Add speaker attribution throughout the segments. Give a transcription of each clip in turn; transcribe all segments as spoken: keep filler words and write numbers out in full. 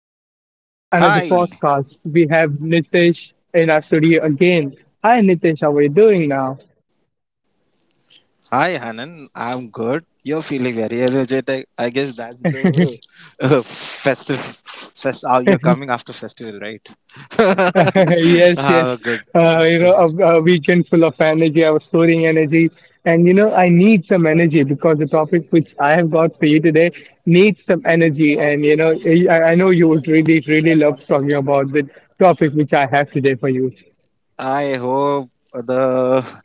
Speaker 1: Welcome to another podcast.
Speaker 2: Hi.
Speaker 1: We have Nitesh in our studio again. Hi, Nitesh. How are you doing now?
Speaker 2: Hi, Hanan. I'm good. You're feeling very energetic. I guess that's the uh, festive. Fest, uh, you're coming after festival, right?
Speaker 1: yes,
Speaker 2: Have a
Speaker 1: yes.
Speaker 2: good.
Speaker 1: Uh, you know, a, a weekend full of energy. I was storing energy, and you know, I need some energy because the topic which I have got for you today needs some energy. And you know, I, I know you would really, really love talking about the topic which I have today for you.
Speaker 2: I hope the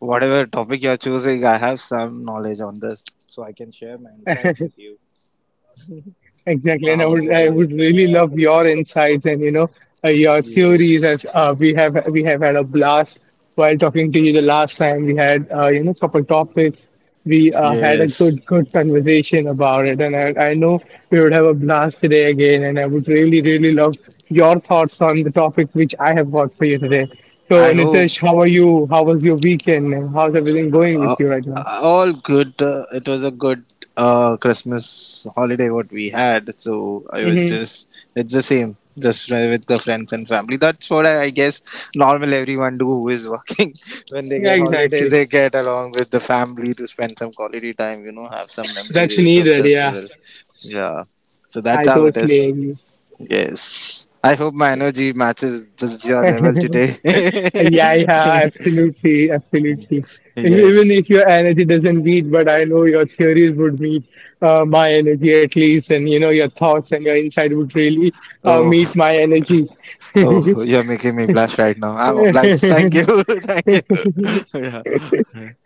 Speaker 2: whatever topic you're choosing, I have some knowledge on this, so I can share my insights with you.
Speaker 1: Exactly,
Speaker 2: Uh,
Speaker 1: and I
Speaker 2: How was
Speaker 1: would
Speaker 2: your
Speaker 1: I would
Speaker 2: day?
Speaker 1: really love your insights, and you know uh, your theories.
Speaker 2: Yes.
Speaker 1: As uh, we have we have had a blast while talking to you the last time, we had uh, you know couple topics we uh, had a
Speaker 2: Yes.
Speaker 1: good good conversation about it, and I, I know we would have a blast today again, and I would really really love your thoughts on the topic which I have got for you today. So
Speaker 2: I hope
Speaker 1: Nitesh, how are you? How was your weekend? And how's everything going with
Speaker 2: Uh,
Speaker 1: you right now?
Speaker 2: all good. Uh, it was a good uh, Christmas holiday what we had. So I was
Speaker 1: Mm-hmm.
Speaker 2: just it's the same, just uh, with the friends and family. That's what I, I guess normal everyone do who is working. When they
Speaker 1: Yeah,
Speaker 2: get holiday,
Speaker 1: exactly.
Speaker 2: they get along with the family to spend some quality time. You know, have some
Speaker 1: That's
Speaker 2: memory with the
Speaker 1: needed. Yeah,
Speaker 2: festival. Yeah. So that's
Speaker 1: I
Speaker 2: how it
Speaker 1: totally
Speaker 2: is.
Speaker 1: agree.
Speaker 2: Yes. I hope my energy matches the, your level today.
Speaker 1: Yeah, yeah, absolutely, absolutely. And even
Speaker 2: Yes.
Speaker 1: if your energy doesn't meet, but I know your theories would meet uh, my energy at least, and you know your thoughts and your insight would really uh, meet
Speaker 2: Oh.
Speaker 1: my energy.
Speaker 2: Oh, you're making me blush right now. I'm obliged. Thank you. Thank you. Yeah.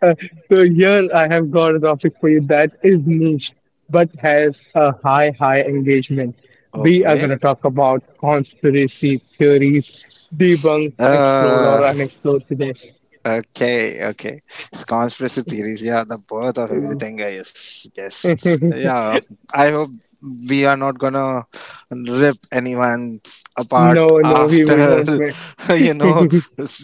Speaker 1: Uh, so here I have got a topic for you that is niche but has a high, high engagement. We are going
Speaker 2: Okay.
Speaker 1: to talk about conspiracy theories, debunked, explored,
Speaker 2: Uh,
Speaker 1: or unexplored today.
Speaker 2: Okay, okay. It's conspiracy theories. Yeah, the birth of everything. Yes, yes. Yeah, I hope we are not gonna rip anyone apart
Speaker 1: No, no, we, we
Speaker 2: after,
Speaker 1: won't make
Speaker 2: you know.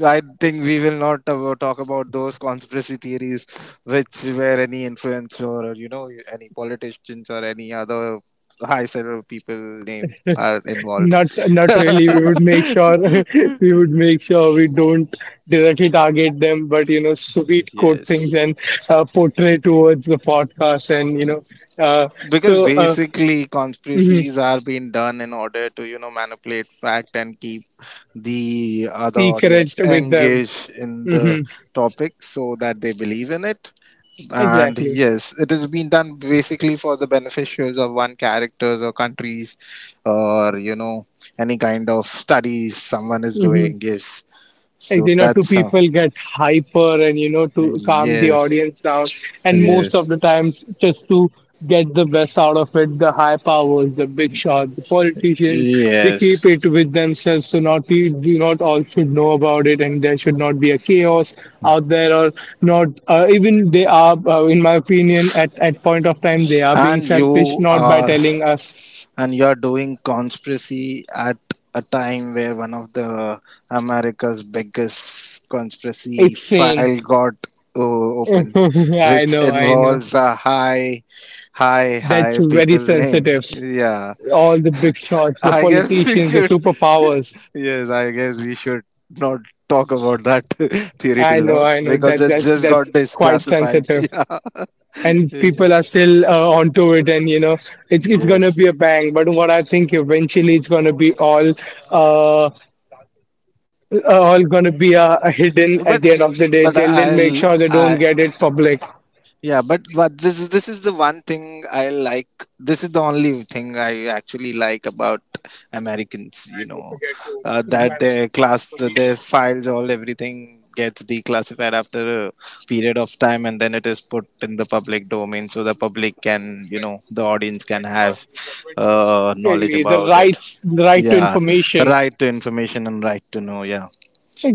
Speaker 2: I think we will not uh, talk about those conspiracy theories which where any influencer or, you know, any politicians or any other high level people name are involved.
Speaker 1: not not really. We would make sure we would make sure we don't directly target them, but you know, sweet quote things
Speaker 2: Yes.
Speaker 1: and uh, portray towards the podcast, and you know, uh,
Speaker 2: Because
Speaker 1: so uh,
Speaker 2: basically
Speaker 1: mhm,
Speaker 2: conspiracies are being done in order to, you know, manipulate fact and keep the other
Speaker 1: secret
Speaker 2: audience
Speaker 1: with them.
Speaker 2: engaged in
Speaker 1: Hmm.
Speaker 2: the topic so that they believe in it, and
Speaker 1: Exactly.
Speaker 2: yes, it has been done basically for the beneficiaries of one characters or countries, or you know, any kind of studies someone is
Speaker 1: Mhm.
Speaker 2: doing. Yes,
Speaker 1: Like
Speaker 2: so
Speaker 1: you know, two
Speaker 2: that's uh,
Speaker 1: people get hyper, and you know, to calm the
Speaker 2: yes,
Speaker 1: audience down, and most of
Speaker 2: yes,
Speaker 1: the times just to get the best out of it, the high powers, the big shots, the politicians, they keep
Speaker 2: yes.
Speaker 1: it with themselves, so not we do not all should know about it, and there should not be a chaos out there. Or not, uh, even they are, uh, in my opinion, at at point of time they are being
Speaker 2: and
Speaker 1: selfish
Speaker 2: you
Speaker 1: not by
Speaker 2: are
Speaker 1: telling us.
Speaker 2: and you are doing conspiracy at a time where one of the America's biggest conspiracy
Speaker 1: It's sane.
Speaker 2: file got uh, open,
Speaker 1: yeah, I
Speaker 2: which
Speaker 1: know, I know.
Speaker 2: involves a high, high,
Speaker 1: That's
Speaker 2: high
Speaker 1: very
Speaker 2: people name.
Speaker 1: sensitive.
Speaker 2: Yeah,
Speaker 1: All the big shots, the
Speaker 2: I guess we
Speaker 1: politicians, the
Speaker 2: should.
Speaker 1: superpowers.
Speaker 2: Yes, I guess we should not talk about that theory
Speaker 1: I
Speaker 2: till
Speaker 1: know,
Speaker 2: now
Speaker 1: I know
Speaker 2: because
Speaker 1: that
Speaker 2: it
Speaker 1: that's
Speaker 2: just got
Speaker 1: that's quite
Speaker 2: disclassified.
Speaker 1: sensitive, and
Speaker 2: Yeah.
Speaker 1: people are still uh, onto it, and you know it's it's gonna
Speaker 2: Yes,
Speaker 1: be a bang. But what I think eventually it's gonna be all uh uh, all gonna be uh, hidden
Speaker 2: but
Speaker 1: at the end of the day.
Speaker 2: but
Speaker 1: They'll they'll make
Speaker 2: I'll
Speaker 1: sure they don't
Speaker 2: I
Speaker 1: get it public.
Speaker 2: yeah, but but this is this is the one thing I like. This is the only thing I actually like about Americans. You know, uh, that their class, their files, all everything gets declassified after a period of time, and then it is put in the public domain, so the public can, you know, the audience can have uh, knowledge
Speaker 1: Really, The
Speaker 2: about it.
Speaker 1: rights, the right to
Speaker 2: Yeah,
Speaker 1: information.
Speaker 2: right to information and right to know. Yeah,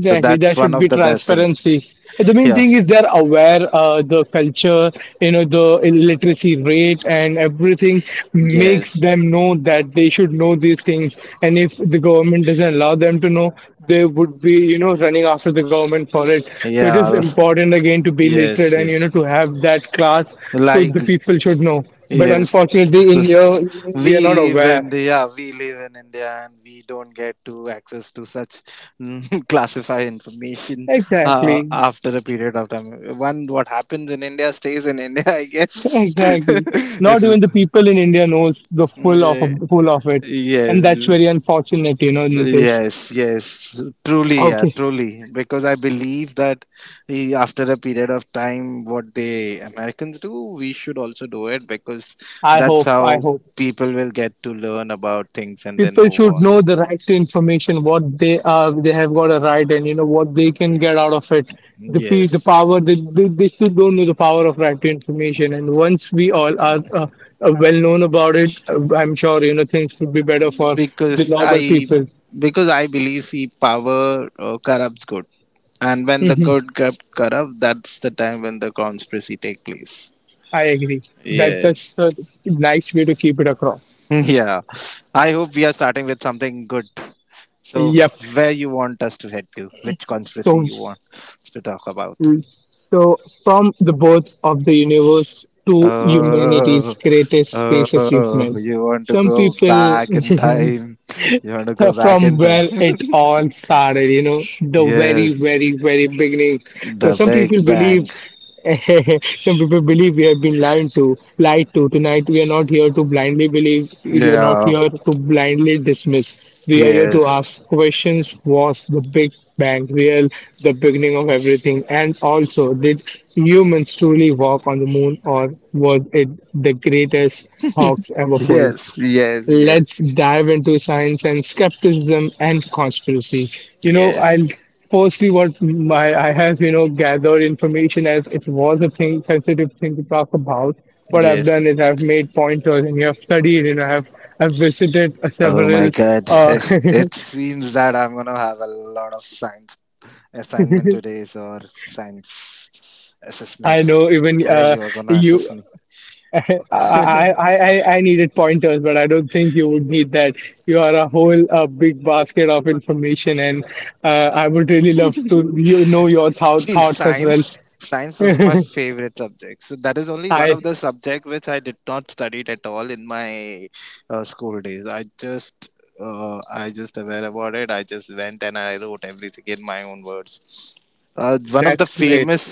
Speaker 2: so that's
Speaker 1: there
Speaker 2: one
Speaker 1: should
Speaker 2: of
Speaker 1: be
Speaker 2: the best thing.
Speaker 1: transparency. The main
Speaker 2: Yeah.
Speaker 1: thing is they're aware, uh, the culture, you know, the illiteracy rate and everything makes
Speaker 2: Yes.
Speaker 1: them know that they should know these things. And if the government doesn't allow them to know, they would be, you know, running after the government for it. So it is
Speaker 2: Yeah.
Speaker 1: important again to be literate,
Speaker 2: Yes,
Speaker 1: and you know,
Speaker 2: yes.
Speaker 1: to have that class, so the
Speaker 2: Like,
Speaker 1: people should know. But
Speaker 2: yes.
Speaker 1: unfortunately,
Speaker 2: L-
Speaker 1: in here we are
Speaker 2: We
Speaker 1: not
Speaker 2: live in
Speaker 1: aware.
Speaker 2: India, we live in India, and we don't get to access to such classified information uh,
Speaker 1: Exactly.
Speaker 2: after a period of time. One, what happens in India stays in India, I guess.
Speaker 1: Exactly.
Speaker 2: It
Speaker 1: Not
Speaker 2: is,
Speaker 1: even the people in India knows the full of
Speaker 2: okay.
Speaker 1: full of it, and that's
Speaker 2: Yes.
Speaker 1: very unfortunate, you know, Nitesh.
Speaker 2: Yes, yes, truly, yeah,
Speaker 1: Okay,
Speaker 2: truly. Because I believe that eh, after a period of time, what the Americans do, we should also do it because
Speaker 1: I
Speaker 2: that's
Speaker 1: hope, I
Speaker 2: how
Speaker 1: hope
Speaker 2: people will get to learn about things and then
Speaker 1: people
Speaker 2: move
Speaker 1: should
Speaker 2: on.
Speaker 1: know the right to information, what they are, they have got a right, and you know what they can get out of it. The p the
Speaker 2: Yes,
Speaker 1: power, they, they, they still don't know the power of right to information. And once we all are uh, uh, well known about it, uh, I'm sure you know things would be better for the
Speaker 2: because
Speaker 1: normal
Speaker 2: I
Speaker 1: people.
Speaker 2: because I believe see power uh, corrupts good, and when the
Speaker 1: Hmm.
Speaker 2: good get corrupt, that's the time when the conspiracy take place.
Speaker 1: I agree. That that's a
Speaker 2: Yes.
Speaker 1: nice way to keep it across.
Speaker 2: Yeah. I hope we are starting with something good. So,
Speaker 1: Yep.
Speaker 2: where you want us to head to? Which conspiracy
Speaker 1: So,
Speaker 2: you want us to talk about?
Speaker 1: so from the birth of the universe to humanity's
Speaker 2: Uh,
Speaker 1: greatest space
Speaker 2: uh,
Speaker 1: achievement,
Speaker 2: you want to
Speaker 1: some
Speaker 2: go
Speaker 1: people
Speaker 2: back in time? You want to
Speaker 1: so
Speaker 2: go back
Speaker 1: from
Speaker 2: in time?
Speaker 1: where it all started, you know, the very,
Speaker 2: Yes,
Speaker 1: very, very beginning. So
Speaker 2: the
Speaker 1: some people
Speaker 2: Big Bang.
Speaker 1: believe, some people believe we have been lied to, lied to. Tonight we are not here to blindly believe. We are not
Speaker 2: Yeah.
Speaker 1: here to blindly dismiss. We are here to
Speaker 2: Yes.
Speaker 1: ask questions. Was the Big Bang real? The beginning of everything? And also, did humans truly walk on the moon, or was it the greatest hoax ever pulled?
Speaker 2: Yes. Yes. Yes.
Speaker 1: Let's dive into science and skepticism and conspiracy. You know,
Speaker 2: Yes.
Speaker 1: I'll firstly what my I have, you know, gathered information, as it was a thing sensitive thing to talk about. What I've
Speaker 2: Yes.
Speaker 1: done is I've made pointers, and you have studied, you know, I've I've visited uh,
Speaker 2: Oh my
Speaker 1: several
Speaker 2: God!
Speaker 1: uh
Speaker 2: It, it seems that I'm gonna have a lot of science assignment today is our science
Speaker 1: I
Speaker 2: assessment
Speaker 1: know even
Speaker 2: where
Speaker 1: uh
Speaker 2: you are gonna
Speaker 1: you
Speaker 2: assess me.
Speaker 1: I, I, I, I needed pointers, but I don't think you would need that. You are a whole uh, big basket of information, and uh, I would really love to you know your thou-
Speaker 2: See,
Speaker 1: thoughts as
Speaker 2: science
Speaker 1: well.
Speaker 2: science was my favorite subject, so that is only one
Speaker 1: I
Speaker 2: of the subject which I did not study it at all in my uh, school days. I just uh, i just aware about it. I just went and I wrote everything in my own words. Uh, one of the
Speaker 1: that's great.
Speaker 2: famous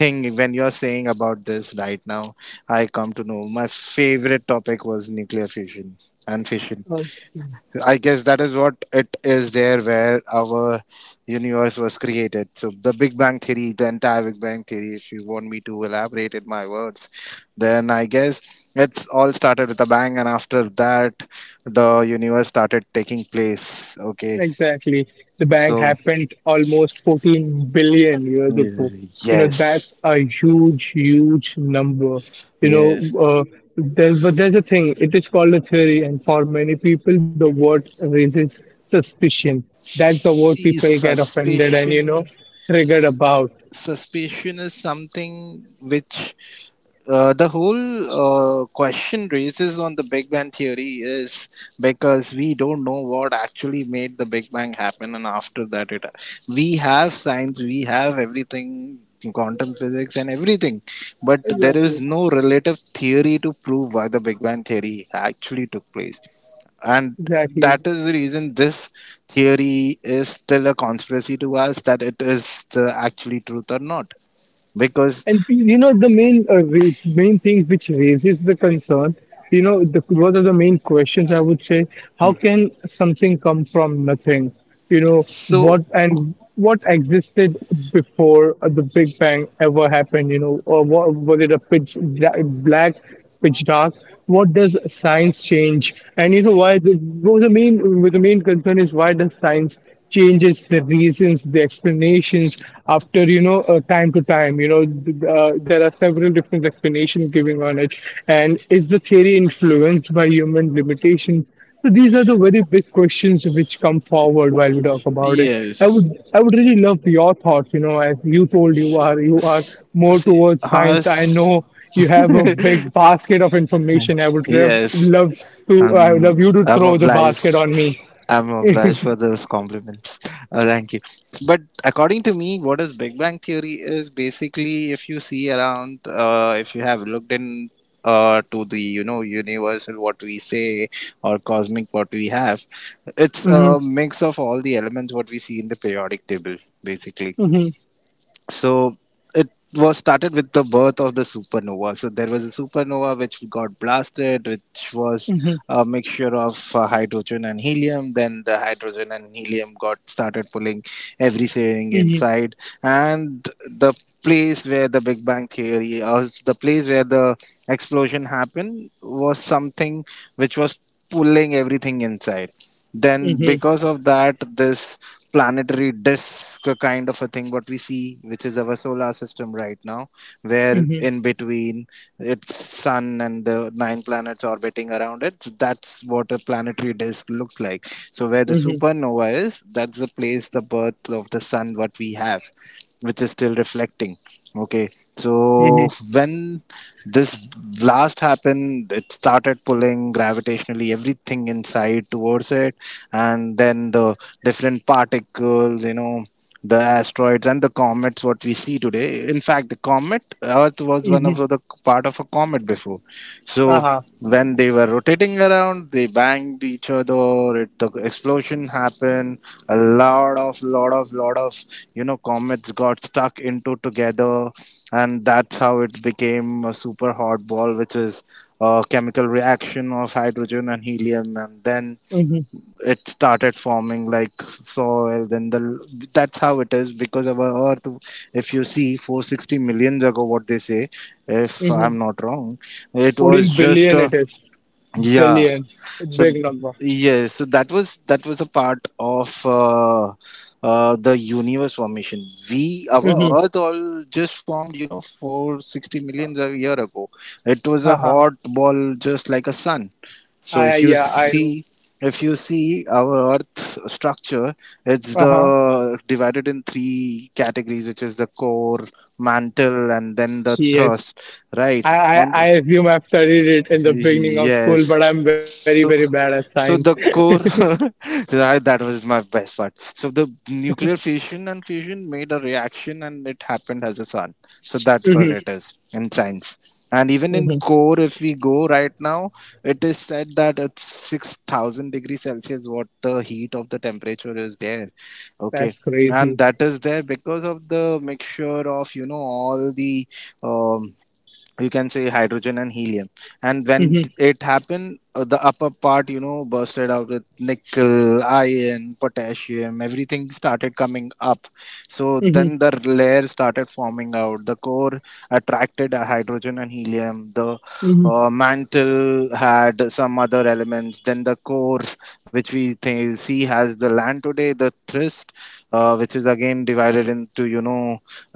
Speaker 2: thing, when you are saying about this right now, I come to know my favorite topic was nuclear fusion and fission.
Speaker 1: Okay.
Speaker 2: I guess that is what it is there where our universe was created. So the Big Bang Theory, the entire Big Bang Theory, if you want me to elaborate in my words, then I guess it's all started with a bang, and after that the universe started taking place. Okay.
Speaker 1: Exactly. The bang
Speaker 2: So
Speaker 1: happened almost fourteen billion years ago.
Speaker 2: y-
Speaker 1: You know, that's
Speaker 2: yes.
Speaker 1: a huge, huge number. You know,
Speaker 2: Yes.
Speaker 1: uh, there, but there's a thing, it is called a theory, and for many people, the word raises suspicion. That's the word
Speaker 2: See,
Speaker 1: people get offended and, you know,
Speaker 2: suspicion
Speaker 1: triggered about.
Speaker 2: suspicion is something which Uh, the whole uh, question raises on the Big Bang Theory is because we don't know what actually made the Big Bang happen, and after that, it we have science, we have everything, quantum physics, and everything, but there is
Speaker 1: Exactly.
Speaker 2: no relative theory to prove why the Big Bang Theory actually took place, and
Speaker 1: Exactly.
Speaker 2: that is the reason this theory is still a conspiracy to us that it is the actually truth or not because
Speaker 1: And you know the main uh, re- main thing which raises the concern, you know, the one of the main questions I would say, how can something come from nothing? You know
Speaker 2: so
Speaker 1: what and what existed before uh, the Big Bang ever happened? You know, or what, was it a pitch bla- black, pitch dark? What does science change? And you know why? The, what was the main the main concern is why does science changes the reasons the explanations after you know uh, time to time. You know th- uh, there are several different explanations giving on it, and is the theory influenced by human limitations? So these are the very big questions which come forward while we talk about it. i would
Speaker 2: Yes.
Speaker 1: i would really love your thoughts, you know, as you told, you are you are
Speaker 2: S-
Speaker 1: more
Speaker 2: See,
Speaker 1: towards science. I
Speaker 2: horse.
Speaker 1: know you have a big basket of information. I would rev-
Speaker 2: Yes.
Speaker 1: love to I would love
Speaker 2: Um,
Speaker 1: you to
Speaker 2: I'm
Speaker 1: throw the basket
Speaker 2: obliged.
Speaker 1: on me.
Speaker 2: I'm obliged for those compliments. Uh, thank you. But according to me, what is Big Bang Theory is basically if you see around, uh, if you have looked in uh, to the, you know, universal what we say or cosmic what we have, it's
Speaker 1: Mhm,
Speaker 2: a mix of all the elements what we see in the periodic table basically.
Speaker 1: mhm.
Speaker 2: So it was started with the birth of the supernova. So there was a supernova which got blasted, which was
Speaker 1: Mhm,
Speaker 2: a mixture of uh, hydrogen and helium. Then the hydrogen and helium got started pulling everything
Speaker 1: mhm,
Speaker 2: inside, and the place where the Big Bang theory or the place where the explosion happened was something which was pulling everything inside. Then,
Speaker 1: mhm,
Speaker 2: because of that, this planetary disk kind of a thing, what we see, which is our solar system right now, where
Speaker 1: mhm,
Speaker 2: in between its sun and the nine planets orbiting around it, that's what a planetary disk looks like. So, where the
Speaker 1: mhm,
Speaker 2: supernova is, that's the place, the birth of the sun, what we have, which is still reflecting. Okay.
Speaker 1: mhm,
Speaker 2: So when this blast happened, it started pulling gravitationally everything inside towards it, and then the different particles, you know, the asteroids and the comets, what we see today. In fact, the comet Earth was one of
Speaker 1: mhm.
Speaker 2: the part of a comet before. So
Speaker 1: Uh-huh.
Speaker 2: when they were rotating around, they banged each other. It, the explosion happened. A lot of lot of lot of you know, comets got stuck into together, and that's how it became a super hot ball, which is a chemical reaction of hydrogen and helium, and then
Speaker 1: Mhm,
Speaker 2: it started forming like soil. Then the That's how it is, because our earth, if you see, four hundred sixty million ago, what they say, if I'm
Speaker 1: mhm.
Speaker 2: not wrong, it
Speaker 1: fourteen
Speaker 2: was just
Speaker 1: billion
Speaker 2: a
Speaker 1: it is.
Speaker 2: yeah.
Speaker 1: Billion.
Speaker 2: So
Speaker 1: Big number.
Speaker 2: yes. So that was that was a part of uh, uh, the universe formation. We our
Speaker 1: Mm-hmm.
Speaker 2: Earth all just formed, you know, for sixty millions a year ago. It was a
Speaker 1: Uh-huh.
Speaker 2: hot ball, just like a sun. So if
Speaker 1: I,
Speaker 2: you
Speaker 1: yeah, I know.
Speaker 2: see. If you see our Earth structure, it's
Speaker 1: Uh-huh.
Speaker 2: the divided in three categories, which is the core, mantle, and then the
Speaker 1: Yes.
Speaker 2: thrust. Right
Speaker 1: I, I,
Speaker 2: on
Speaker 1: I
Speaker 2: the
Speaker 1: assume I've studied it in the beginning of school,
Speaker 2: yes.
Speaker 1: but I'm very, very
Speaker 2: So,
Speaker 1: bad at science.
Speaker 2: so the core that that was my best part. So the nuclear fission and fusion made a reaction, and it happened as a sun. So that's what
Speaker 1: hmm.
Speaker 2: it is in science. And even in
Speaker 1: Hmm.
Speaker 2: core, if we go right now, it is said that it's six thousand degrees Celsius. What the heat of the temperature is there? Okay.
Speaker 1: That's
Speaker 2: And
Speaker 1: crazy.
Speaker 2: that is there because of the mixture of, you know, all the um, you can say, hydrogen and helium. And when
Speaker 1: Hmm.
Speaker 2: it happened, uh, the upper part, you know, bursted out with nickel, iron, potassium, everything started coming up. So
Speaker 1: Hmm.
Speaker 2: then the layer started forming out. The core attracted uh, hydrogen and helium. the
Speaker 1: Hmm.
Speaker 2: uh, mantle had some other elements. Then the core, which we th- see has the land today, the thrust, uh, which is again divided into, you know,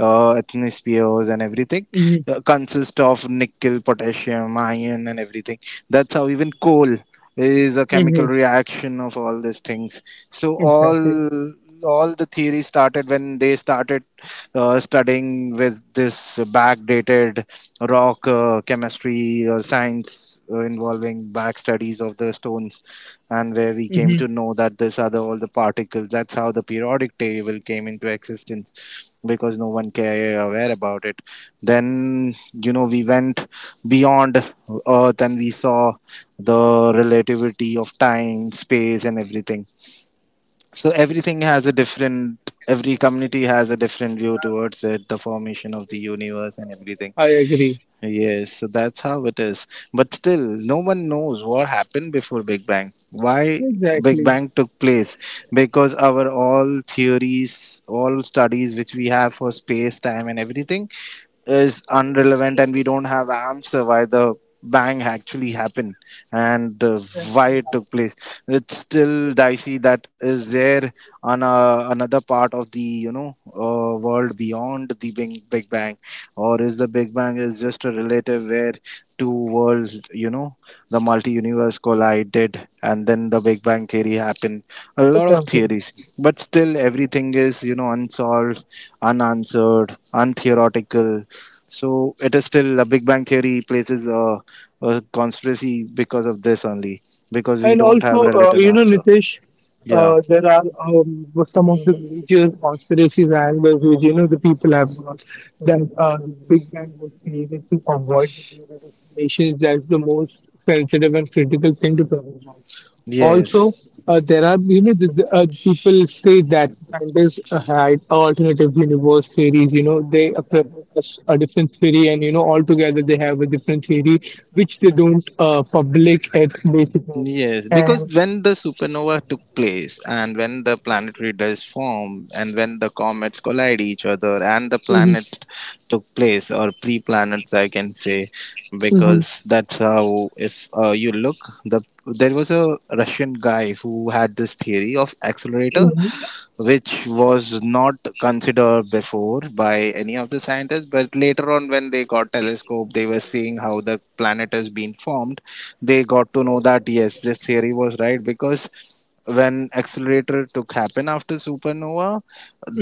Speaker 2: uh, ethnospheres and everything,
Speaker 1: Hmm.
Speaker 2: uh, consist of nickel, potassium, iron, and everything. That's how even coal is a chemical
Speaker 1: Hmm.
Speaker 2: reaction of all these things. So all
Speaker 1: Exactly.
Speaker 2: all the theory started when they started uh, studying with this backdated rock uh, chemistry or science, uh, involving back studies of the stones, and where we came
Speaker 1: Hmm.
Speaker 2: to know that these are the, all the particles. That's how the periodic table came into existence because no one care aware about it. Then, you know, we went beyond Earth, and we saw the relativity of time, space, and everything. So everything has a different. Every community has a different view towards it, the formation of the universe and everything.
Speaker 1: I agree.
Speaker 2: Yes, so that's how it is. But still, no one knows what happened before Big Bang. Why Big
Speaker 1: Exactly.
Speaker 2: Bang took place? Because our all theories, all studies which we have for space, time, and everything is irrelevant, and we don't have answer why the bang actually happened, and uh, why it took place, it's still dicey that is there on a, another part of the you know uh, world beyond the big, big bang. Or is the big bang is just a relative where two worlds you know the multi universe collided, and then the big bang theory happened. A lot of
Speaker 1: Exactly.
Speaker 2: theories, but still everything is you know unsolved, unanswered, untheoretical. So it is still a Big Bang Theory places a, a conspiracy because of this only, because we
Speaker 1: And
Speaker 2: don't
Speaker 1: also,
Speaker 2: have
Speaker 1: uh,
Speaker 2: relative
Speaker 1: you know,
Speaker 2: answer.
Speaker 1: Nitesh,
Speaker 2: Yeah.
Speaker 1: uh, there are um, some of the major conspiracies and angles which, you know, the people have got that uh, Big Bang was created to avoid the theory of nations. That's the most sensitive and critical thing to talk about. Also,
Speaker 2: Yes.
Speaker 1: uh, there are, you know, the, the, uh, people say that scientists uh, had alternative universe theories. You know, they uh, propose us a different theory, and you know, altogether they have a different theory which they don't uh, public at basically.
Speaker 2: Yes. Because
Speaker 1: And
Speaker 2: when the supernova took place, and when the planetary disk formed, and when the comets collide each other, and the
Speaker 1: hmm
Speaker 2: planet took place, or pre planets I can say,
Speaker 1: hmm
Speaker 2: because that's how, if uh, you look, the there was a Russian guy who had this theory of accelerator,
Speaker 1: hmm
Speaker 2: which was not considered before by any of the scientists. But later on, when they got telescope, they were seeing how the planet has been formed. They got to know that yes, this theory was right, because when accelerator took happen after supernova,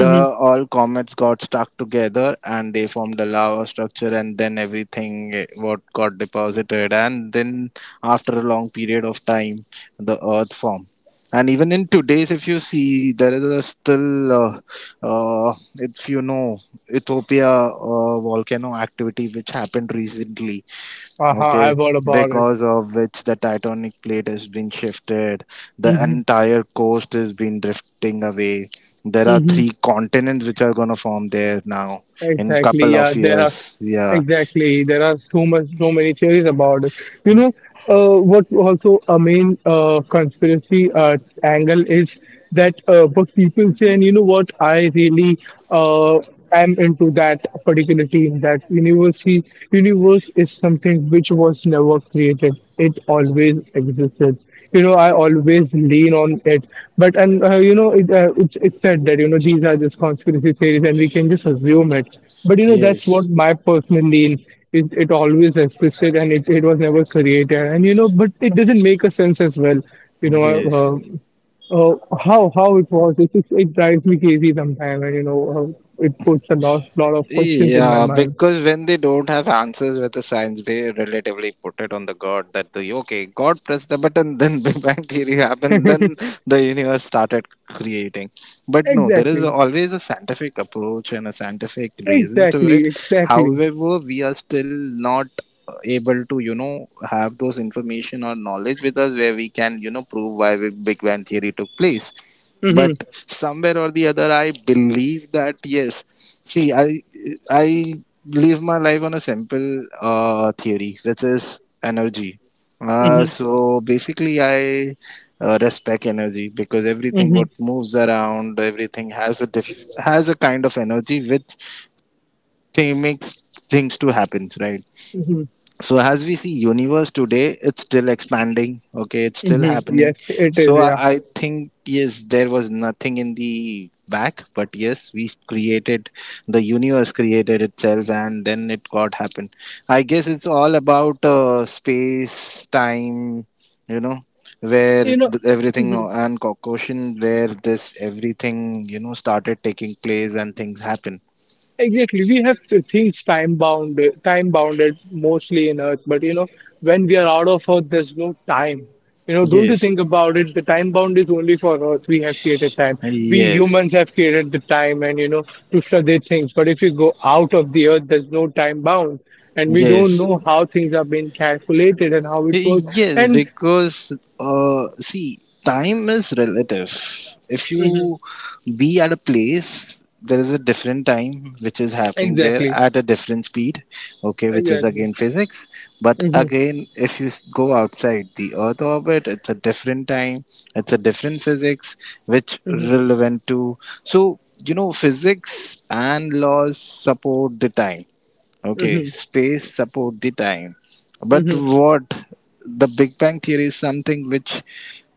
Speaker 2: the all comets got stuck together and they formed a lava structure, and then everything eh, what got deposited, and then after a long period of time, the earth formed. And even in today's, if you see, there is a still uh, uh, if you know Ethiopia uh, volcano activity which happened recently.
Speaker 1: uh-huh, I
Speaker 2: Okay.
Speaker 1: have heard about it.
Speaker 2: Because of which the titanic plate has been shifted, the
Speaker 1: Hmm.
Speaker 2: entire coast has been drifting away. There are
Speaker 1: Hmm.
Speaker 2: three continents which are going to form there now in
Speaker 1: Exactly.
Speaker 2: couple
Speaker 1: Yeah,
Speaker 2: of
Speaker 1: there are
Speaker 2: years. Yeah.
Speaker 1: exactly there are so much so many theories about it. You know, uh, what also a main uh, conspiracy uh, angle is that uh, what people say, and you know what, I really uh, am into that particular team. That university universe is something which was never created. It always existed. You know, I always lean on it. But and uh, you know, it, uh, it's it's said that you know these are just conspiracy theories, and we can just assume it. But you know, that's what
Speaker 2: Yes.
Speaker 1: my personal lean is. It always existed, and it, it was never created. And you know, but it doesn't make a sense as well. You know, uh,
Speaker 2: Yes.
Speaker 1: uh, uh, how how it was. It, it it drives me crazy sometimes, and you know, uh, it puts a lot lot of questions in my
Speaker 2: Yeah,
Speaker 1: mind.
Speaker 2: because when they don't have answers with the science, they relatively put it on the God that the okay, God pressed the button, then Big Bang Theory happened, then the universe started creating. But no, there is
Speaker 1: Exactly.
Speaker 2: always a scientific approach and a scientific reason to it.
Speaker 1: Exactly, exactly.
Speaker 2: However, we are still not able to, you know, have those information or knowledge with us where we can, you know, prove why Big Bang Theory took place, but
Speaker 1: Mm-hmm,
Speaker 2: somewhere or the other I believe that, yes See, I I live my life on a simple uh, theory, which is energy. Uh,
Speaker 1: mm-hmm,
Speaker 2: so basically, I uh, respect energy because everything
Speaker 1: mm-hmm,
Speaker 2: what moves around, everything has a diff- has a kind of energy which thing makes things to happen, right?
Speaker 1: mm-hmm,
Speaker 2: so as we see universe today it's still expanding okay it's still
Speaker 1: mm-hmm.
Speaker 2: happening
Speaker 1: Yes, it is.
Speaker 2: so I,
Speaker 1: Yeah,
Speaker 2: I think yes there was nothing in the back but yes we created the universe created itself and then it got happened I guess it's all about uh, space time you know where
Speaker 1: you know,
Speaker 2: th- everything
Speaker 1: mhm.
Speaker 2: uh, and caucasian where this everything you know started taking place and things happen
Speaker 1: Exactly. We have to things time bound, time bounded mostly in Earth, but you know, when we are out of Earth, there's no time. You know, don't you
Speaker 2: yes
Speaker 1: think about it? The time bound is only for Earth. We have created time. We
Speaker 2: yes
Speaker 1: humans have created the time, and you know, to study things. But if you go out of the Earth, there's no time bound, and we don't
Speaker 2: yes
Speaker 1: know how things are being calculated and how it works.
Speaker 2: Yes,
Speaker 1: And
Speaker 2: because uh, see, time is relative. If
Speaker 1: Mm-hmm.
Speaker 2: you be at a place, there is a different time which is happening there
Speaker 1: Exactly.
Speaker 2: at a different speed, okay, which is
Speaker 1: Exactly.
Speaker 2: again physics. But
Speaker 1: Mm-hmm.
Speaker 2: again, if you s- go outside the Earth orbit, it's a different time, it's a different physics which
Speaker 1: Mm-hmm.
Speaker 2: relevant to. So, you know, physics and laws support the time Okay,
Speaker 1: Mm-hmm.
Speaker 2: space support the time. But
Speaker 1: Mm-hmm.
Speaker 2: what the Big Bang theory is something which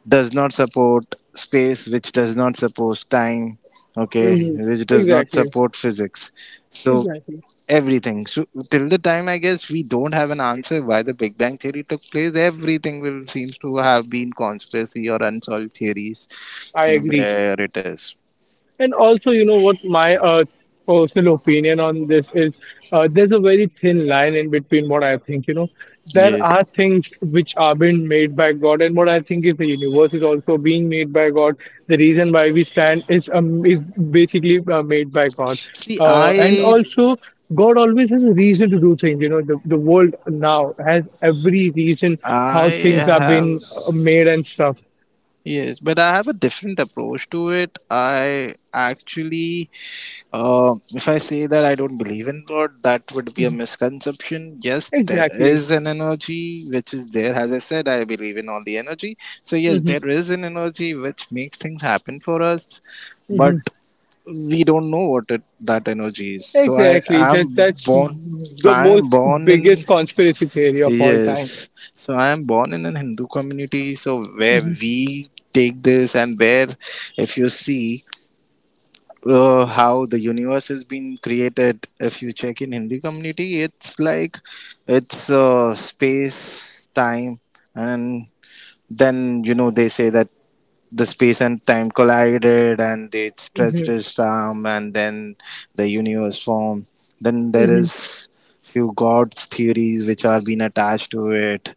Speaker 2: does not support space, which does not support time, okay,
Speaker 1: Mm-hmm.
Speaker 2: which does not
Speaker 1: Exactly.
Speaker 2: support physics. So
Speaker 1: Exactly.
Speaker 2: everything. So till the time I guess we don't have an answer why the Big Bang theory took place. Everything will seems to have been conspiracy or unsolved theories
Speaker 1: I agree.
Speaker 2: where it is.
Speaker 1: And also, you know what my uh, personal opinion on this is uh, there's a very thin line in between what I think. You know, there
Speaker 2: Yes.
Speaker 1: are things which are being made by God, and what I think is the universe is also being made by God. The reason why we stand is um, is basically uh, made by God,
Speaker 2: See,
Speaker 1: uh, and
Speaker 2: I
Speaker 1: also. God always has a reason to do things. You know, the, the world now has every reason
Speaker 2: I
Speaker 1: how things are
Speaker 2: have.
Speaker 1: being uh, made and stuff.
Speaker 2: Yes, but I have a different approach to it. I actually, uh, if I say that I don't believe in God, that would be a
Speaker 1: Mhm.
Speaker 2: misconception. Yes, there
Speaker 1: Exactly.
Speaker 2: is an energy which is there. As I said, I believe in all the energy. So, yes, there
Speaker 1: Hmm.
Speaker 2: is an energy which makes things happen for us, but we don't know what it, that energy is. So, I
Speaker 1: Exactly. That
Speaker 2: am
Speaker 1: that's
Speaker 2: born.
Speaker 1: the
Speaker 2: I am
Speaker 1: most
Speaker 2: born in
Speaker 1: biggest conspiracy theory of all time.
Speaker 2: Yes. So I am born in a Hindu community, so where
Speaker 1: Hmm.
Speaker 2: we take this, and where, if you see, uh, how the universe has been created, if you check in Hindi community, it's like, it's uh, space, time, and then you know they say that the space and time collided, and they
Speaker 1: Hmm.
Speaker 2: stretched its arm, and then the universe formed. Then there
Speaker 1: Hmm.
Speaker 2: is few gods theories which are being attached to it,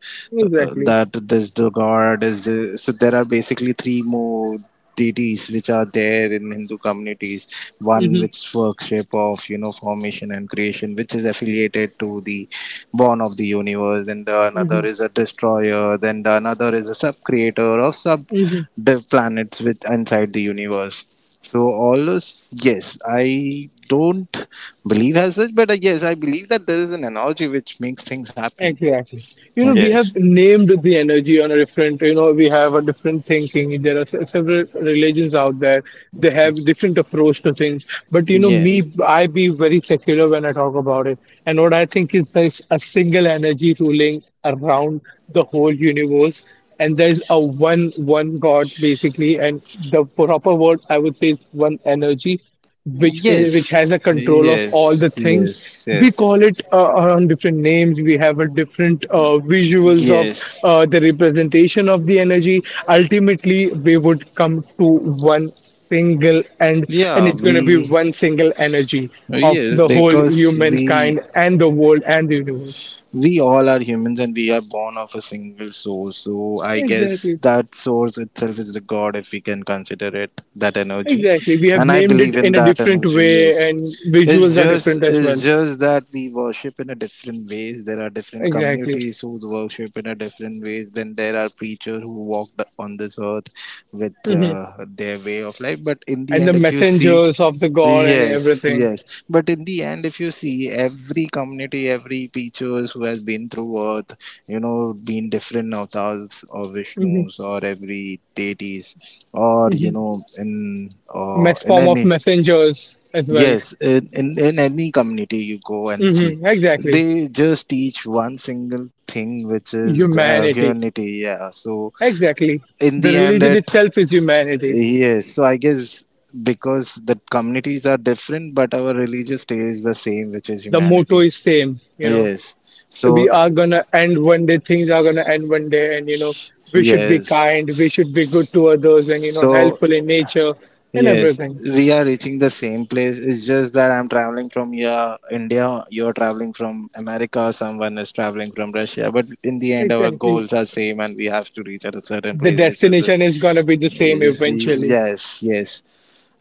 Speaker 2: uh,
Speaker 1: Exactly.
Speaker 2: that this the god is the, so there are basically three more deities which are there in Hindu communities. One
Speaker 1: Hmm.
Speaker 2: which worship of you know formation and creation, which is affiliated to the born of the universe, and the another
Speaker 1: Hmm.
Speaker 2: is a destroyer. Then the another is a sub creator of sub
Speaker 1: Hmm.
Speaker 2: div planets with inside the universe. So all those, yes, I don't believe as such, but uh, yes, I believe that there is an analogy which makes things happen.
Speaker 1: Exactly. You know, we
Speaker 2: Yes,
Speaker 1: have named the energy on a different, you know, we have a different thinking. There are se- several religions out there. They have different approach to things. But, you know,
Speaker 2: yes,
Speaker 1: me, I be very secular when I talk about it. And what I think is there's a single energy ruling around the whole universe. And there's a one, one God basically. And the proper word I would say is one energy which is, which
Speaker 2: yes,
Speaker 1: has a control of all the
Speaker 2: yes,
Speaker 1: things.
Speaker 2: yes,
Speaker 1: We
Speaker 2: yes.
Speaker 1: call it uh, on different names. We have a different uh, visuals of
Speaker 2: Yes.
Speaker 1: uh, the representation of the energy. Ultimately, we would come to one single end, and
Speaker 2: Yeah,
Speaker 1: it's going to be
Speaker 2: we.
Speaker 1: one single energy of
Speaker 2: Yes,
Speaker 1: the whole
Speaker 2: because we
Speaker 1: humankind and the world and the universe.
Speaker 2: we all are humans and we are born of a single source. So I guess
Speaker 1: Exactly.
Speaker 2: that source itself is the God if we can consider it that energy.
Speaker 1: Exactly. We have
Speaker 2: And I
Speaker 1: named it
Speaker 2: believe in
Speaker 1: in a
Speaker 2: that
Speaker 1: different
Speaker 2: energy,
Speaker 1: way,
Speaker 2: yes.
Speaker 1: and
Speaker 2: It's
Speaker 1: visuals are
Speaker 2: just
Speaker 1: different as
Speaker 2: it's
Speaker 1: well.
Speaker 2: just that we worship in a different ways. There are different
Speaker 1: Exactly.
Speaker 2: communities who worship in a different ways. Then there are preachers who walked on this earth with
Speaker 1: Mhm.
Speaker 2: uh, their way of life. But in the
Speaker 1: And the
Speaker 2: end, if you see
Speaker 1: messengers of the God and
Speaker 2: Yes,
Speaker 1: everything.
Speaker 2: yes. But in the end, if you see every community, every teachers who has been through earth, you know, been different avatars or
Speaker 1: Hmm.
Speaker 2: Vishnus or every deities or, you
Speaker 1: Hmm.
Speaker 2: know, in, uh,
Speaker 1: Mess
Speaker 2: in
Speaker 1: form of
Speaker 2: any.
Speaker 1: messengers as well.
Speaker 2: Yes. In, in, in any community you go and see,
Speaker 1: Hmm. Exactly.
Speaker 2: they just teach one single thing, which is the
Speaker 1: Humanity.
Speaker 2: humanity. Yeah. So
Speaker 1: Exactly.
Speaker 2: in
Speaker 1: The
Speaker 2: the end,
Speaker 1: religion
Speaker 2: it.
Speaker 1: itself is humanity.
Speaker 2: Yes, so I guess because the communities are different, but our religious stays the same, which is
Speaker 1: The motto
Speaker 2: humanity.
Speaker 1: is same. You know,
Speaker 2: Yes. So,
Speaker 1: we are gonna end one day. Things are gonna end one day, and you know, we should be
Speaker 2: yes.
Speaker 1: kind. We should be good to others, and you know,
Speaker 2: So,
Speaker 1: helpful in nature and
Speaker 2: yes,
Speaker 1: everything.
Speaker 2: we are reaching the same place. It's just that I'm traveling from here, India, you're traveling from America, someone is traveling from Russia. But in the end, our
Speaker 1: Exactly.
Speaker 2: goals are same and we have to reach at a certain
Speaker 1: The
Speaker 2: place, which is
Speaker 1: destination is
Speaker 2: this.
Speaker 1: gonna be the same eventually.
Speaker 2: Yes, yes.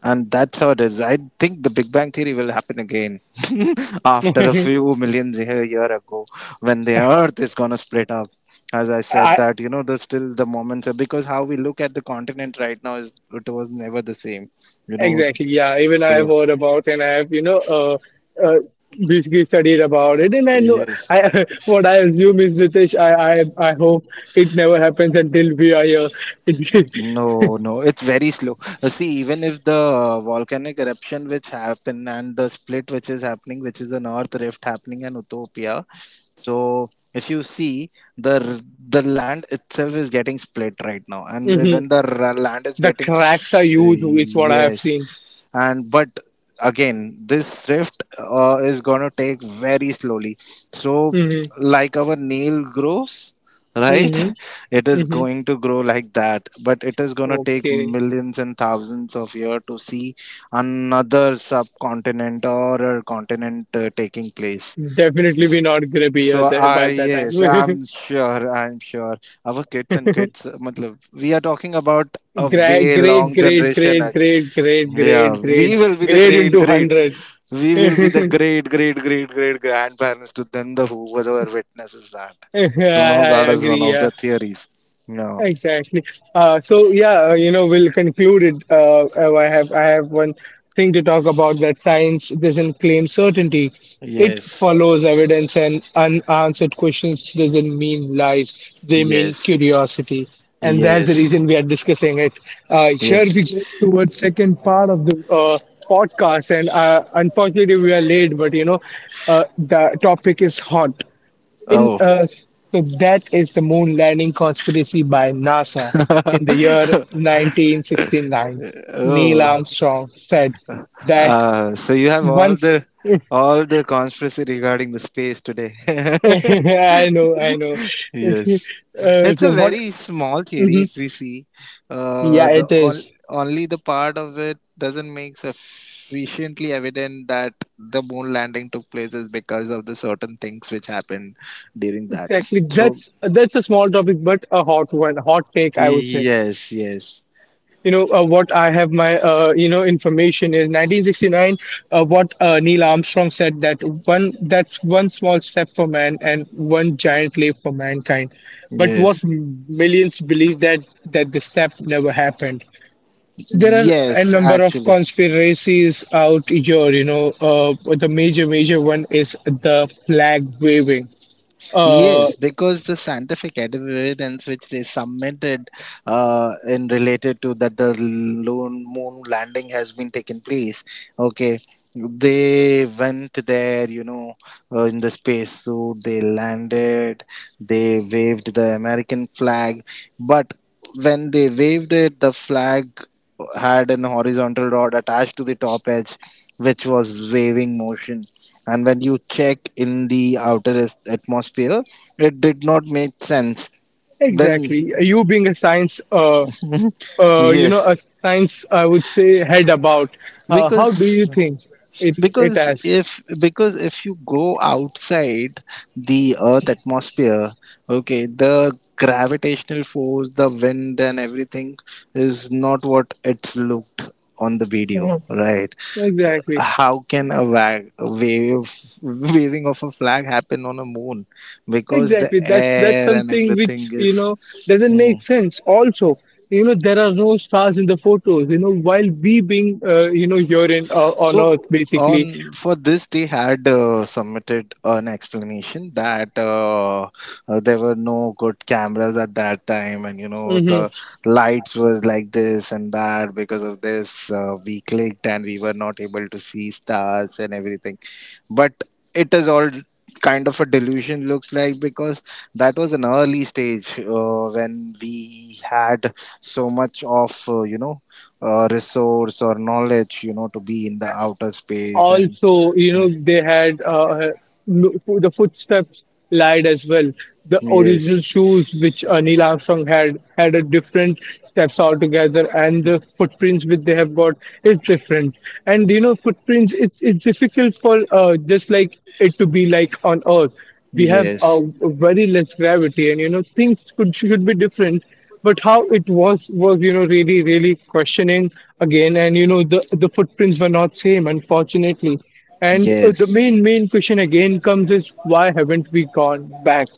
Speaker 2: And that's how it is. I think the Big Bang Theory will happen again after a few million year year ago, when the earth is going to split up. As I said,
Speaker 1: I,
Speaker 2: that you know, there's still the moments of, because how we look at the continent right now is it was never the same, you know.
Speaker 1: Exactly. Yeah. Even I have
Speaker 2: So,
Speaker 1: heard about and I have, you know, uh, uh, basically studied about it. And I know,
Speaker 2: yes.
Speaker 1: I what I assume is Ritesh. I, I, I hope it never happens until we are here.
Speaker 2: No, no, it's very slow. Uh, See, even if the volcanic eruption which happened and the split which is happening, which is the North Rift happening in Utopia, so if you see the r- the land itself is getting split right now, and
Speaker 1: Hmm.
Speaker 2: when the r- land is
Speaker 1: The
Speaker 2: getting
Speaker 1: cracks are
Speaker 2: s- uh,
Speaker 1: huge. Is what I have
Speaker 2: yes,
Speaker 1: seen.
Speaker 2: and but again this rift uh, is going to take very slowly, so
Speaker 1: Hmm.
Speaker 2: like our nail grows, right?
Speaker 1: Hmm.
Speaker 2: It is
Speaker 1: Hmm.
Speaker 2: going to grow like that, but it is going to take
Speaker 1: Okay.
Speaker 2: millions and thousands of years to see another subcontinent or a continent uh, taking place.
Speaker 1: Definitely, we're not gonna be here
Speaker 2: So
Speaker 1: there
Speaker 2: I.
Speaker 1: by that
Speaker 2: Yes,
Speaker 1: time.
Speaker 2: I'm sure. I'm sure. Our kids and kids, uh, matlab, we are talking about a
Speaker 1: Great,
Speaker 2: way
Speaker 1: great,
Speaker 2: long
Speaker 1: great,
Speaker 2: generation
Speaker 1: great,
Speaker 2: again.
Speaker 1: great, great,
Speaker 2: Yeah,
Speaker 1: great, great,
Speaker 2: we will be the
Speaker 1: great
Speaker 2: great
Speaker 1: into
Speaker 2: great.
Speaker 1: hundred.
Speaker 2: We
Speaker 1: I,
Speaker 2: will be the great great great great grandparents to them. The who whoever witnesses that. So that
Speaker 1: I
Speaker 2: is one
Speaker 1: agree.
Speaker 2: of the
Speaker 1: Yeah.
Speaker 2: theories. No.
Speaker 1: Exactly. Uh, so yeah, uh, you know, we'll conclude it. Uh, uh, I have I have one thing to talk about that science doesn't claim certainty. It
Speaker 2: Yes.
Speaker 1: follows evidence, and unanswered questions doesn't mean lies. They mean
Speaker 2: Yes.
Speaker 1: curiosity, and that's the
Speaker 2: Yes.
Speaker 1: reason we are discussing it. Uh, here
Speaker 2: Yes.
Speaker 1: we go towards second part of the uh, podcast, and uh, unfortunately we are late, but you know, uh, the topic is hot. In
Speaker 2: Oh.
Speaker 1: uh, so that is the moon landing conspiracy by NASA in the year nineteen sixty-nine. Neil
Speaker 2: Oh.
Speaker 1: Armstrong said that
Speaker 2: Uh, so you have all
Speaker 1: once.
Speaker 2: the
Speaker 1: I
Speaker 2: all the conspiracy regarding the space today.
Speaker 1: know, I know. uh,
Speaker 2: Yes, it's a
Speaker 1: so what?
Speaker 2: very small theory.
Speaker 1: Mhm.
Speaker 2: If we see, uh,
Speaker 1: Yeah,
Speaker 2: the
Speaker 1: it
Speaker 2: on,
Speaker 1: is
Speaker 2: only the part of it doesn't make sufficiently evident that the moon landing took place is because of the certain things which happened during that.
Speaker 1: exactly.
Speaker 2: So
Speaker 1: That's that's a small topic, but a hot one, hot take, I would say.
Speaker 2: yes, yes,
Speaker 1: You know, uh, what I have my uh, you know information is nineteen sixty-nine. Uh, what uh, Neil Armstrong said that one that's one small step for man and one giant leap for mankind. But what
Speaker 2: yes,
Speaker 1: m- millions believe that that the step never happened. There are a
Speaker 2: yes.
Speaker 1: number of
Speaker 2: Actually.
Speaker 1: conspiracies out here. You know uh, the major major one is the flag waving. uh
Speaker 2: Yes, because the scientific evidence which they submitted uh, in related to that the lone moon landing has been taken place. Okay, they went there, you know, uh, in the space suit. They landed. They waved the American flag, but when they waved it, the flag had an horizontal rod attached to the top edge, which was waving motion. And when you check in the outer as- atmosphere, it did not make sense then.
Speaker 1: exactly. You being a science uh uh, you know,
Speaker 2: Yes.
Speaker 1: a science I would say head about. Uh, how do you
Speaker 2: because
Speaker 1: think it it
Speaker 2: because
Speaker 1: has?
Speaker 2: if because if you go outside the earth atmosphere, okay, the gravitational force, the wind and everything is not what it's looked on the video,
Speaker 1: Mhm.
Speaker 2: right?
Speaker 1: Exactly,
Speaker 2: How can a, wag, a wave waving of a flag happen on a moon, because the
Speaker 1: exactly. That's that's
Speaker 2: air and
Speaker 1: something
Speaker 2: everything
Speaker 1: which you know
Speaker 2: is
Speaker 1: doesn't
Speaker 2: hmm,
Speaker 1: make sense. Also, you know, there are no stars in the photos. You know, while we being uh, you know urine uh, on Earth
Speaker 2: So
Speaker 1: basically.
Speaker 2: on for this, they had uh, submitted an explanation that uh, uh, there were no good cameras at that time, and you know
Speaker 1: Hmm.
Speaker 2: the lights was like this and that. Because of this, uh, we clicked and we were not able to see stars and everything. But it is all kind of a delusion looks like, because that was an early stage uh, when we had so much of uh, you know uh, resource or knowledge you know to be in the outer space and
Speaker 1: Also, you
Speaker 2: uh,
Speaker 1: know, they had uh, no- the footsteps lied as well. The original
Speaker 2: yes,
Speaker 1: shoes which uh, Neil Armstrong had had a different steps altogether, and the footprints which they have got is different. And you know, footprints it's it's difficult for uh, just like it to be like on Earth. We have uh,
Speaker 2: yes,
Speaker 1: very less gravity, and you know, things could should be different. But how it was was you know really really questioning again. And you know the the footprints were not same, unfortunately. And uh, the
Speaker 2: yes,
Speaker 1: main main question again comes is why haven't we gone back.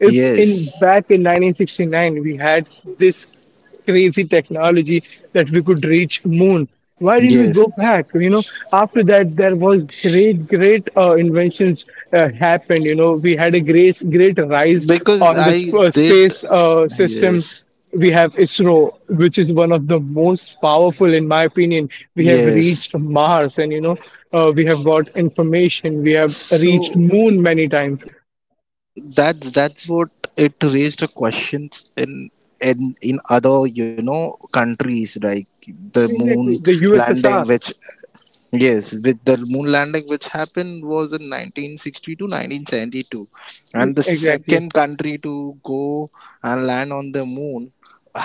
Speaker 1: if in
Speaker 2: yes,
Speaker 1: back in nineteen sixty-nine we had this crazy technology that we could reach moon, why didn't we go
Speaker 2: yes,
Speaker 1: back? You know after that there was great great uh, inventions uh, happened. You know we had a great great rise
Speaker 2: because
Speaker 1: on the
Speaker 2: I
Speaker 1: sp- uh,
Speaker 2: did.
Speaker 1: space uh, system.
Speaker 2: Yes,
Speaker 1: We have ISRO, which is one of the most powerful, in my opinion. We have
Speaker 2: yes.
Speaker 1: reached Mars, and you know, uh, we have got information. We have reached
Speaker 2: So
Speaker 1: Moon many times.
Speaker 2: that's that's what it raised a questions in in in other you know countries, like the moon
Speaker 1: Exactly, the
Speaker 2: landing which.
Speaker 1: U S S R.
Speaker 2: Yes, with the moon landing which happened was in nineteen sixty-two nineteen seventy-two. And the
Speaker 1: Exactly,
Speaker 2: second country to go and land on the moon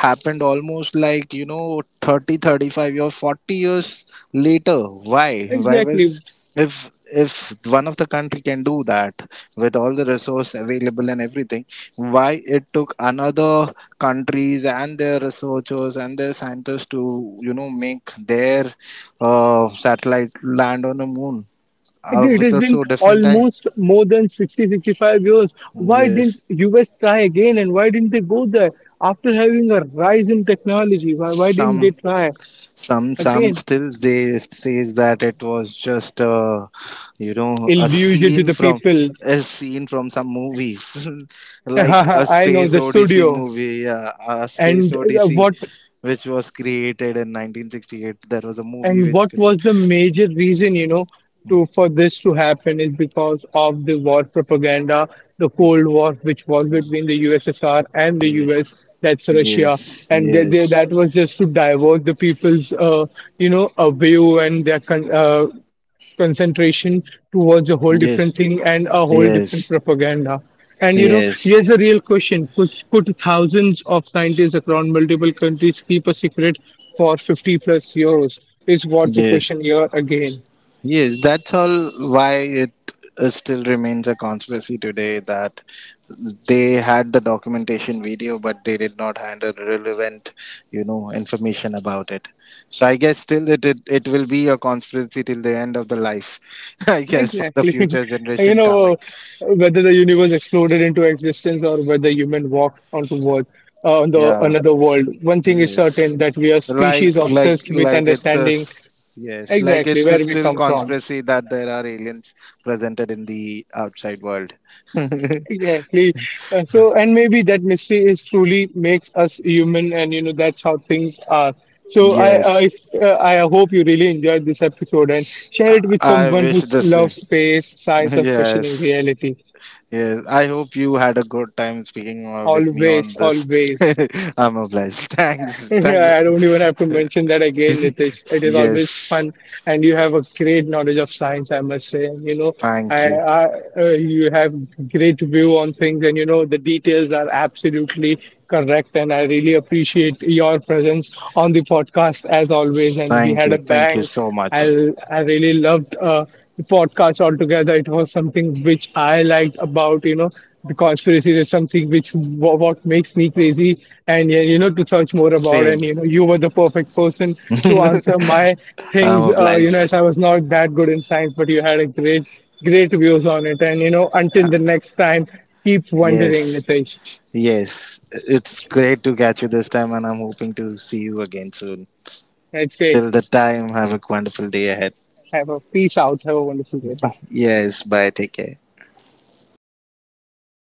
Speaker 2: happened almost like you know thirty thirty five or forty years later. Why why was,
Speaker 1: exactly.
Speaker 2: if if one of the country can do that with all the resource available and everything, why it took another countries and their researchers and their scientists to you know make their uh, satellite land on the moon uh,
Speaker 1: Agree, it
Speaker 2: with
Speaker 1: has
Speaker 2: a
Speaker 1: been
Speaker 2: so different time.
Speaker 1: almost more than sixty, sixty-five years. Why didn't
Speaker 2: Yes.
Speaker 1: U S try again and why didn't they go there? After having a rise in technology, why, why didn't
Speaker 2: some
Speaker 1: they try?
Speaker 2: Some some
Speaker 1: Again,
Speaker 2: still, they says that it was just uh, you know a
Speaker 1: illusion to
Speaker 2: scene
Speaker 1: the
Speaker 2: from
Speaker 1: people.
Speaker 2: a scene from some movies, like a
Speaker 1: I know
Speaker 2: space
Speaker 1: the
Speaker 2: odyssey
Speaker 1: studio.
Speaker 2: movie, yeah, a space
Speaker 1: And uh,
Speaker 2: odyssey
Speaker 1: what
Speaker 2: which was created in nineteen sixty-eight. There was a movie
Speaker 1: And
Speaker 2: which
Speaker 1: what was
Speaker 2: created,
Speaker 1: the major reason, you know, to for this to happen is because of the war propaganda, the Cold War, which was between the U S S R and the
Speaker 2: yeah.
Speaker 1: U S, that's Russia,
Speaker 2: Yes,
Speaker 1: and they, they,
Speaker 2: yes,
Speaker 1: that was just to divert the people's, uh, you know, a view and their con- uh, concentration towards a whole
Speaker 2: yes,
Speaker 1: different thing and a whole
Speaker 2: yes,
Speaker 1: different propaganda. And you know,
Speaker 2: yes,
Speaker 1: here's the real question: Could could thousands of scientists across multiple countries keep a secret for fifty plus years? Is what the
Speaker 2: yes.
Speaker 1: question here again.
Speaker 2: Yes, that's all why it uh, still remains a conspiracy today, that they had the documentation video, but they did not handle relevant, you know, information about it. So I guess still it it, it will be a conspiracy till the end of the life, I guess, for the
Speaker 1: Exactly.
Speaker 2: future
Speaker 1: You
Speaker 2: generation coming.
Speaker 1: know, whether the universe exploded into existence or whether human walked onto world, uh, on the
Speaker 2: Yeah,
Speaker 1: another world, one thing is
Speaker 2: yes,
Speaker 1: certain that we are
Speaker 2: like
Speaker 1: species
Speaker 2: like
Speaker 1: obsessed with
Speaker 2: like it's a
Speaker 1: understanding
Speaker 2: s- yes, like
Speaker 1: exactly
Speaker 2: it's a
Speaker 1: where we
Speaker 2: still
Speaker 1: come from.
Speaker 2: conspiracy that there are aliens presented in the outside world.
Speaker 1: Exactly. Uh, so, and maybe that mystery is truly makes us human, and you know that's how things are. So, I I,
Speaker 2: Yes,
Speaker 1: uh, I hope you really enjoyed this episode and share it with
Speaker 2: I
Speaker 1: someone
Speaker 2: wish
Speaker 1: who
Speaker 2: the same.
Speaker 1: loves space, science, or questioning
Speaker 2: Yes,
Speaker 1: reality.
Speaker 2: yes. I hope you had a good time speaking uh, with me on
Speaker 1: Always,
Speaker 2: this.
Speaker 1: always.
Speaker 2: I'm obliged. Thanks, thanks.
Speaker 1: Yeah, I don't even have to mention that again, Nitish. It is always
Speaker 2: Yes,
Speaker 1: fun, and you have a great knowledge of science, I must say. And, you know,
Speaker 2: thank
Speaker 1: I,
Speaker 2: you,
Speaker 1: I uh, you have great view on things, and you know the details are absolutely correct. And I really appreciate your presence on the podcast as always. And we
Speaker 2: thank
Speaker 1: had
Speaker 2: you,
Speaker 1: a
Speaker 2: thank you
Speaker 1: bang.
Speaker 2: so much.
Speaker 1: I I really loved uh, the podcast altogether. It was something which I liked about. You know the conspiracy is something which wha- what makes me crazy, and yeah, you know to search more about.
Speaker 2: Same.
Speaker 1: And you know you were the perfect person to answer my
Speaker 2: I'm
Speaker 1: things. Uh, you know
Speaker 2: obliged.
Speaker 1: as I was not that good in science, but you had a great great views on it. And you know until the next time, keep wondering,
Speaker 2: Yes,
Speaker 1: Nitesh.
Speaker 2: yes. It's great to catch you this time, and I'm hoping to see you again soon.
Speaker 1: That's great.
Speaker 2: Till the time, have a wonderful day ahead.
Speaker 1: Have a peace out. Have a wonderful day. Bye.
Speaker 2: Yes, bye. Take care.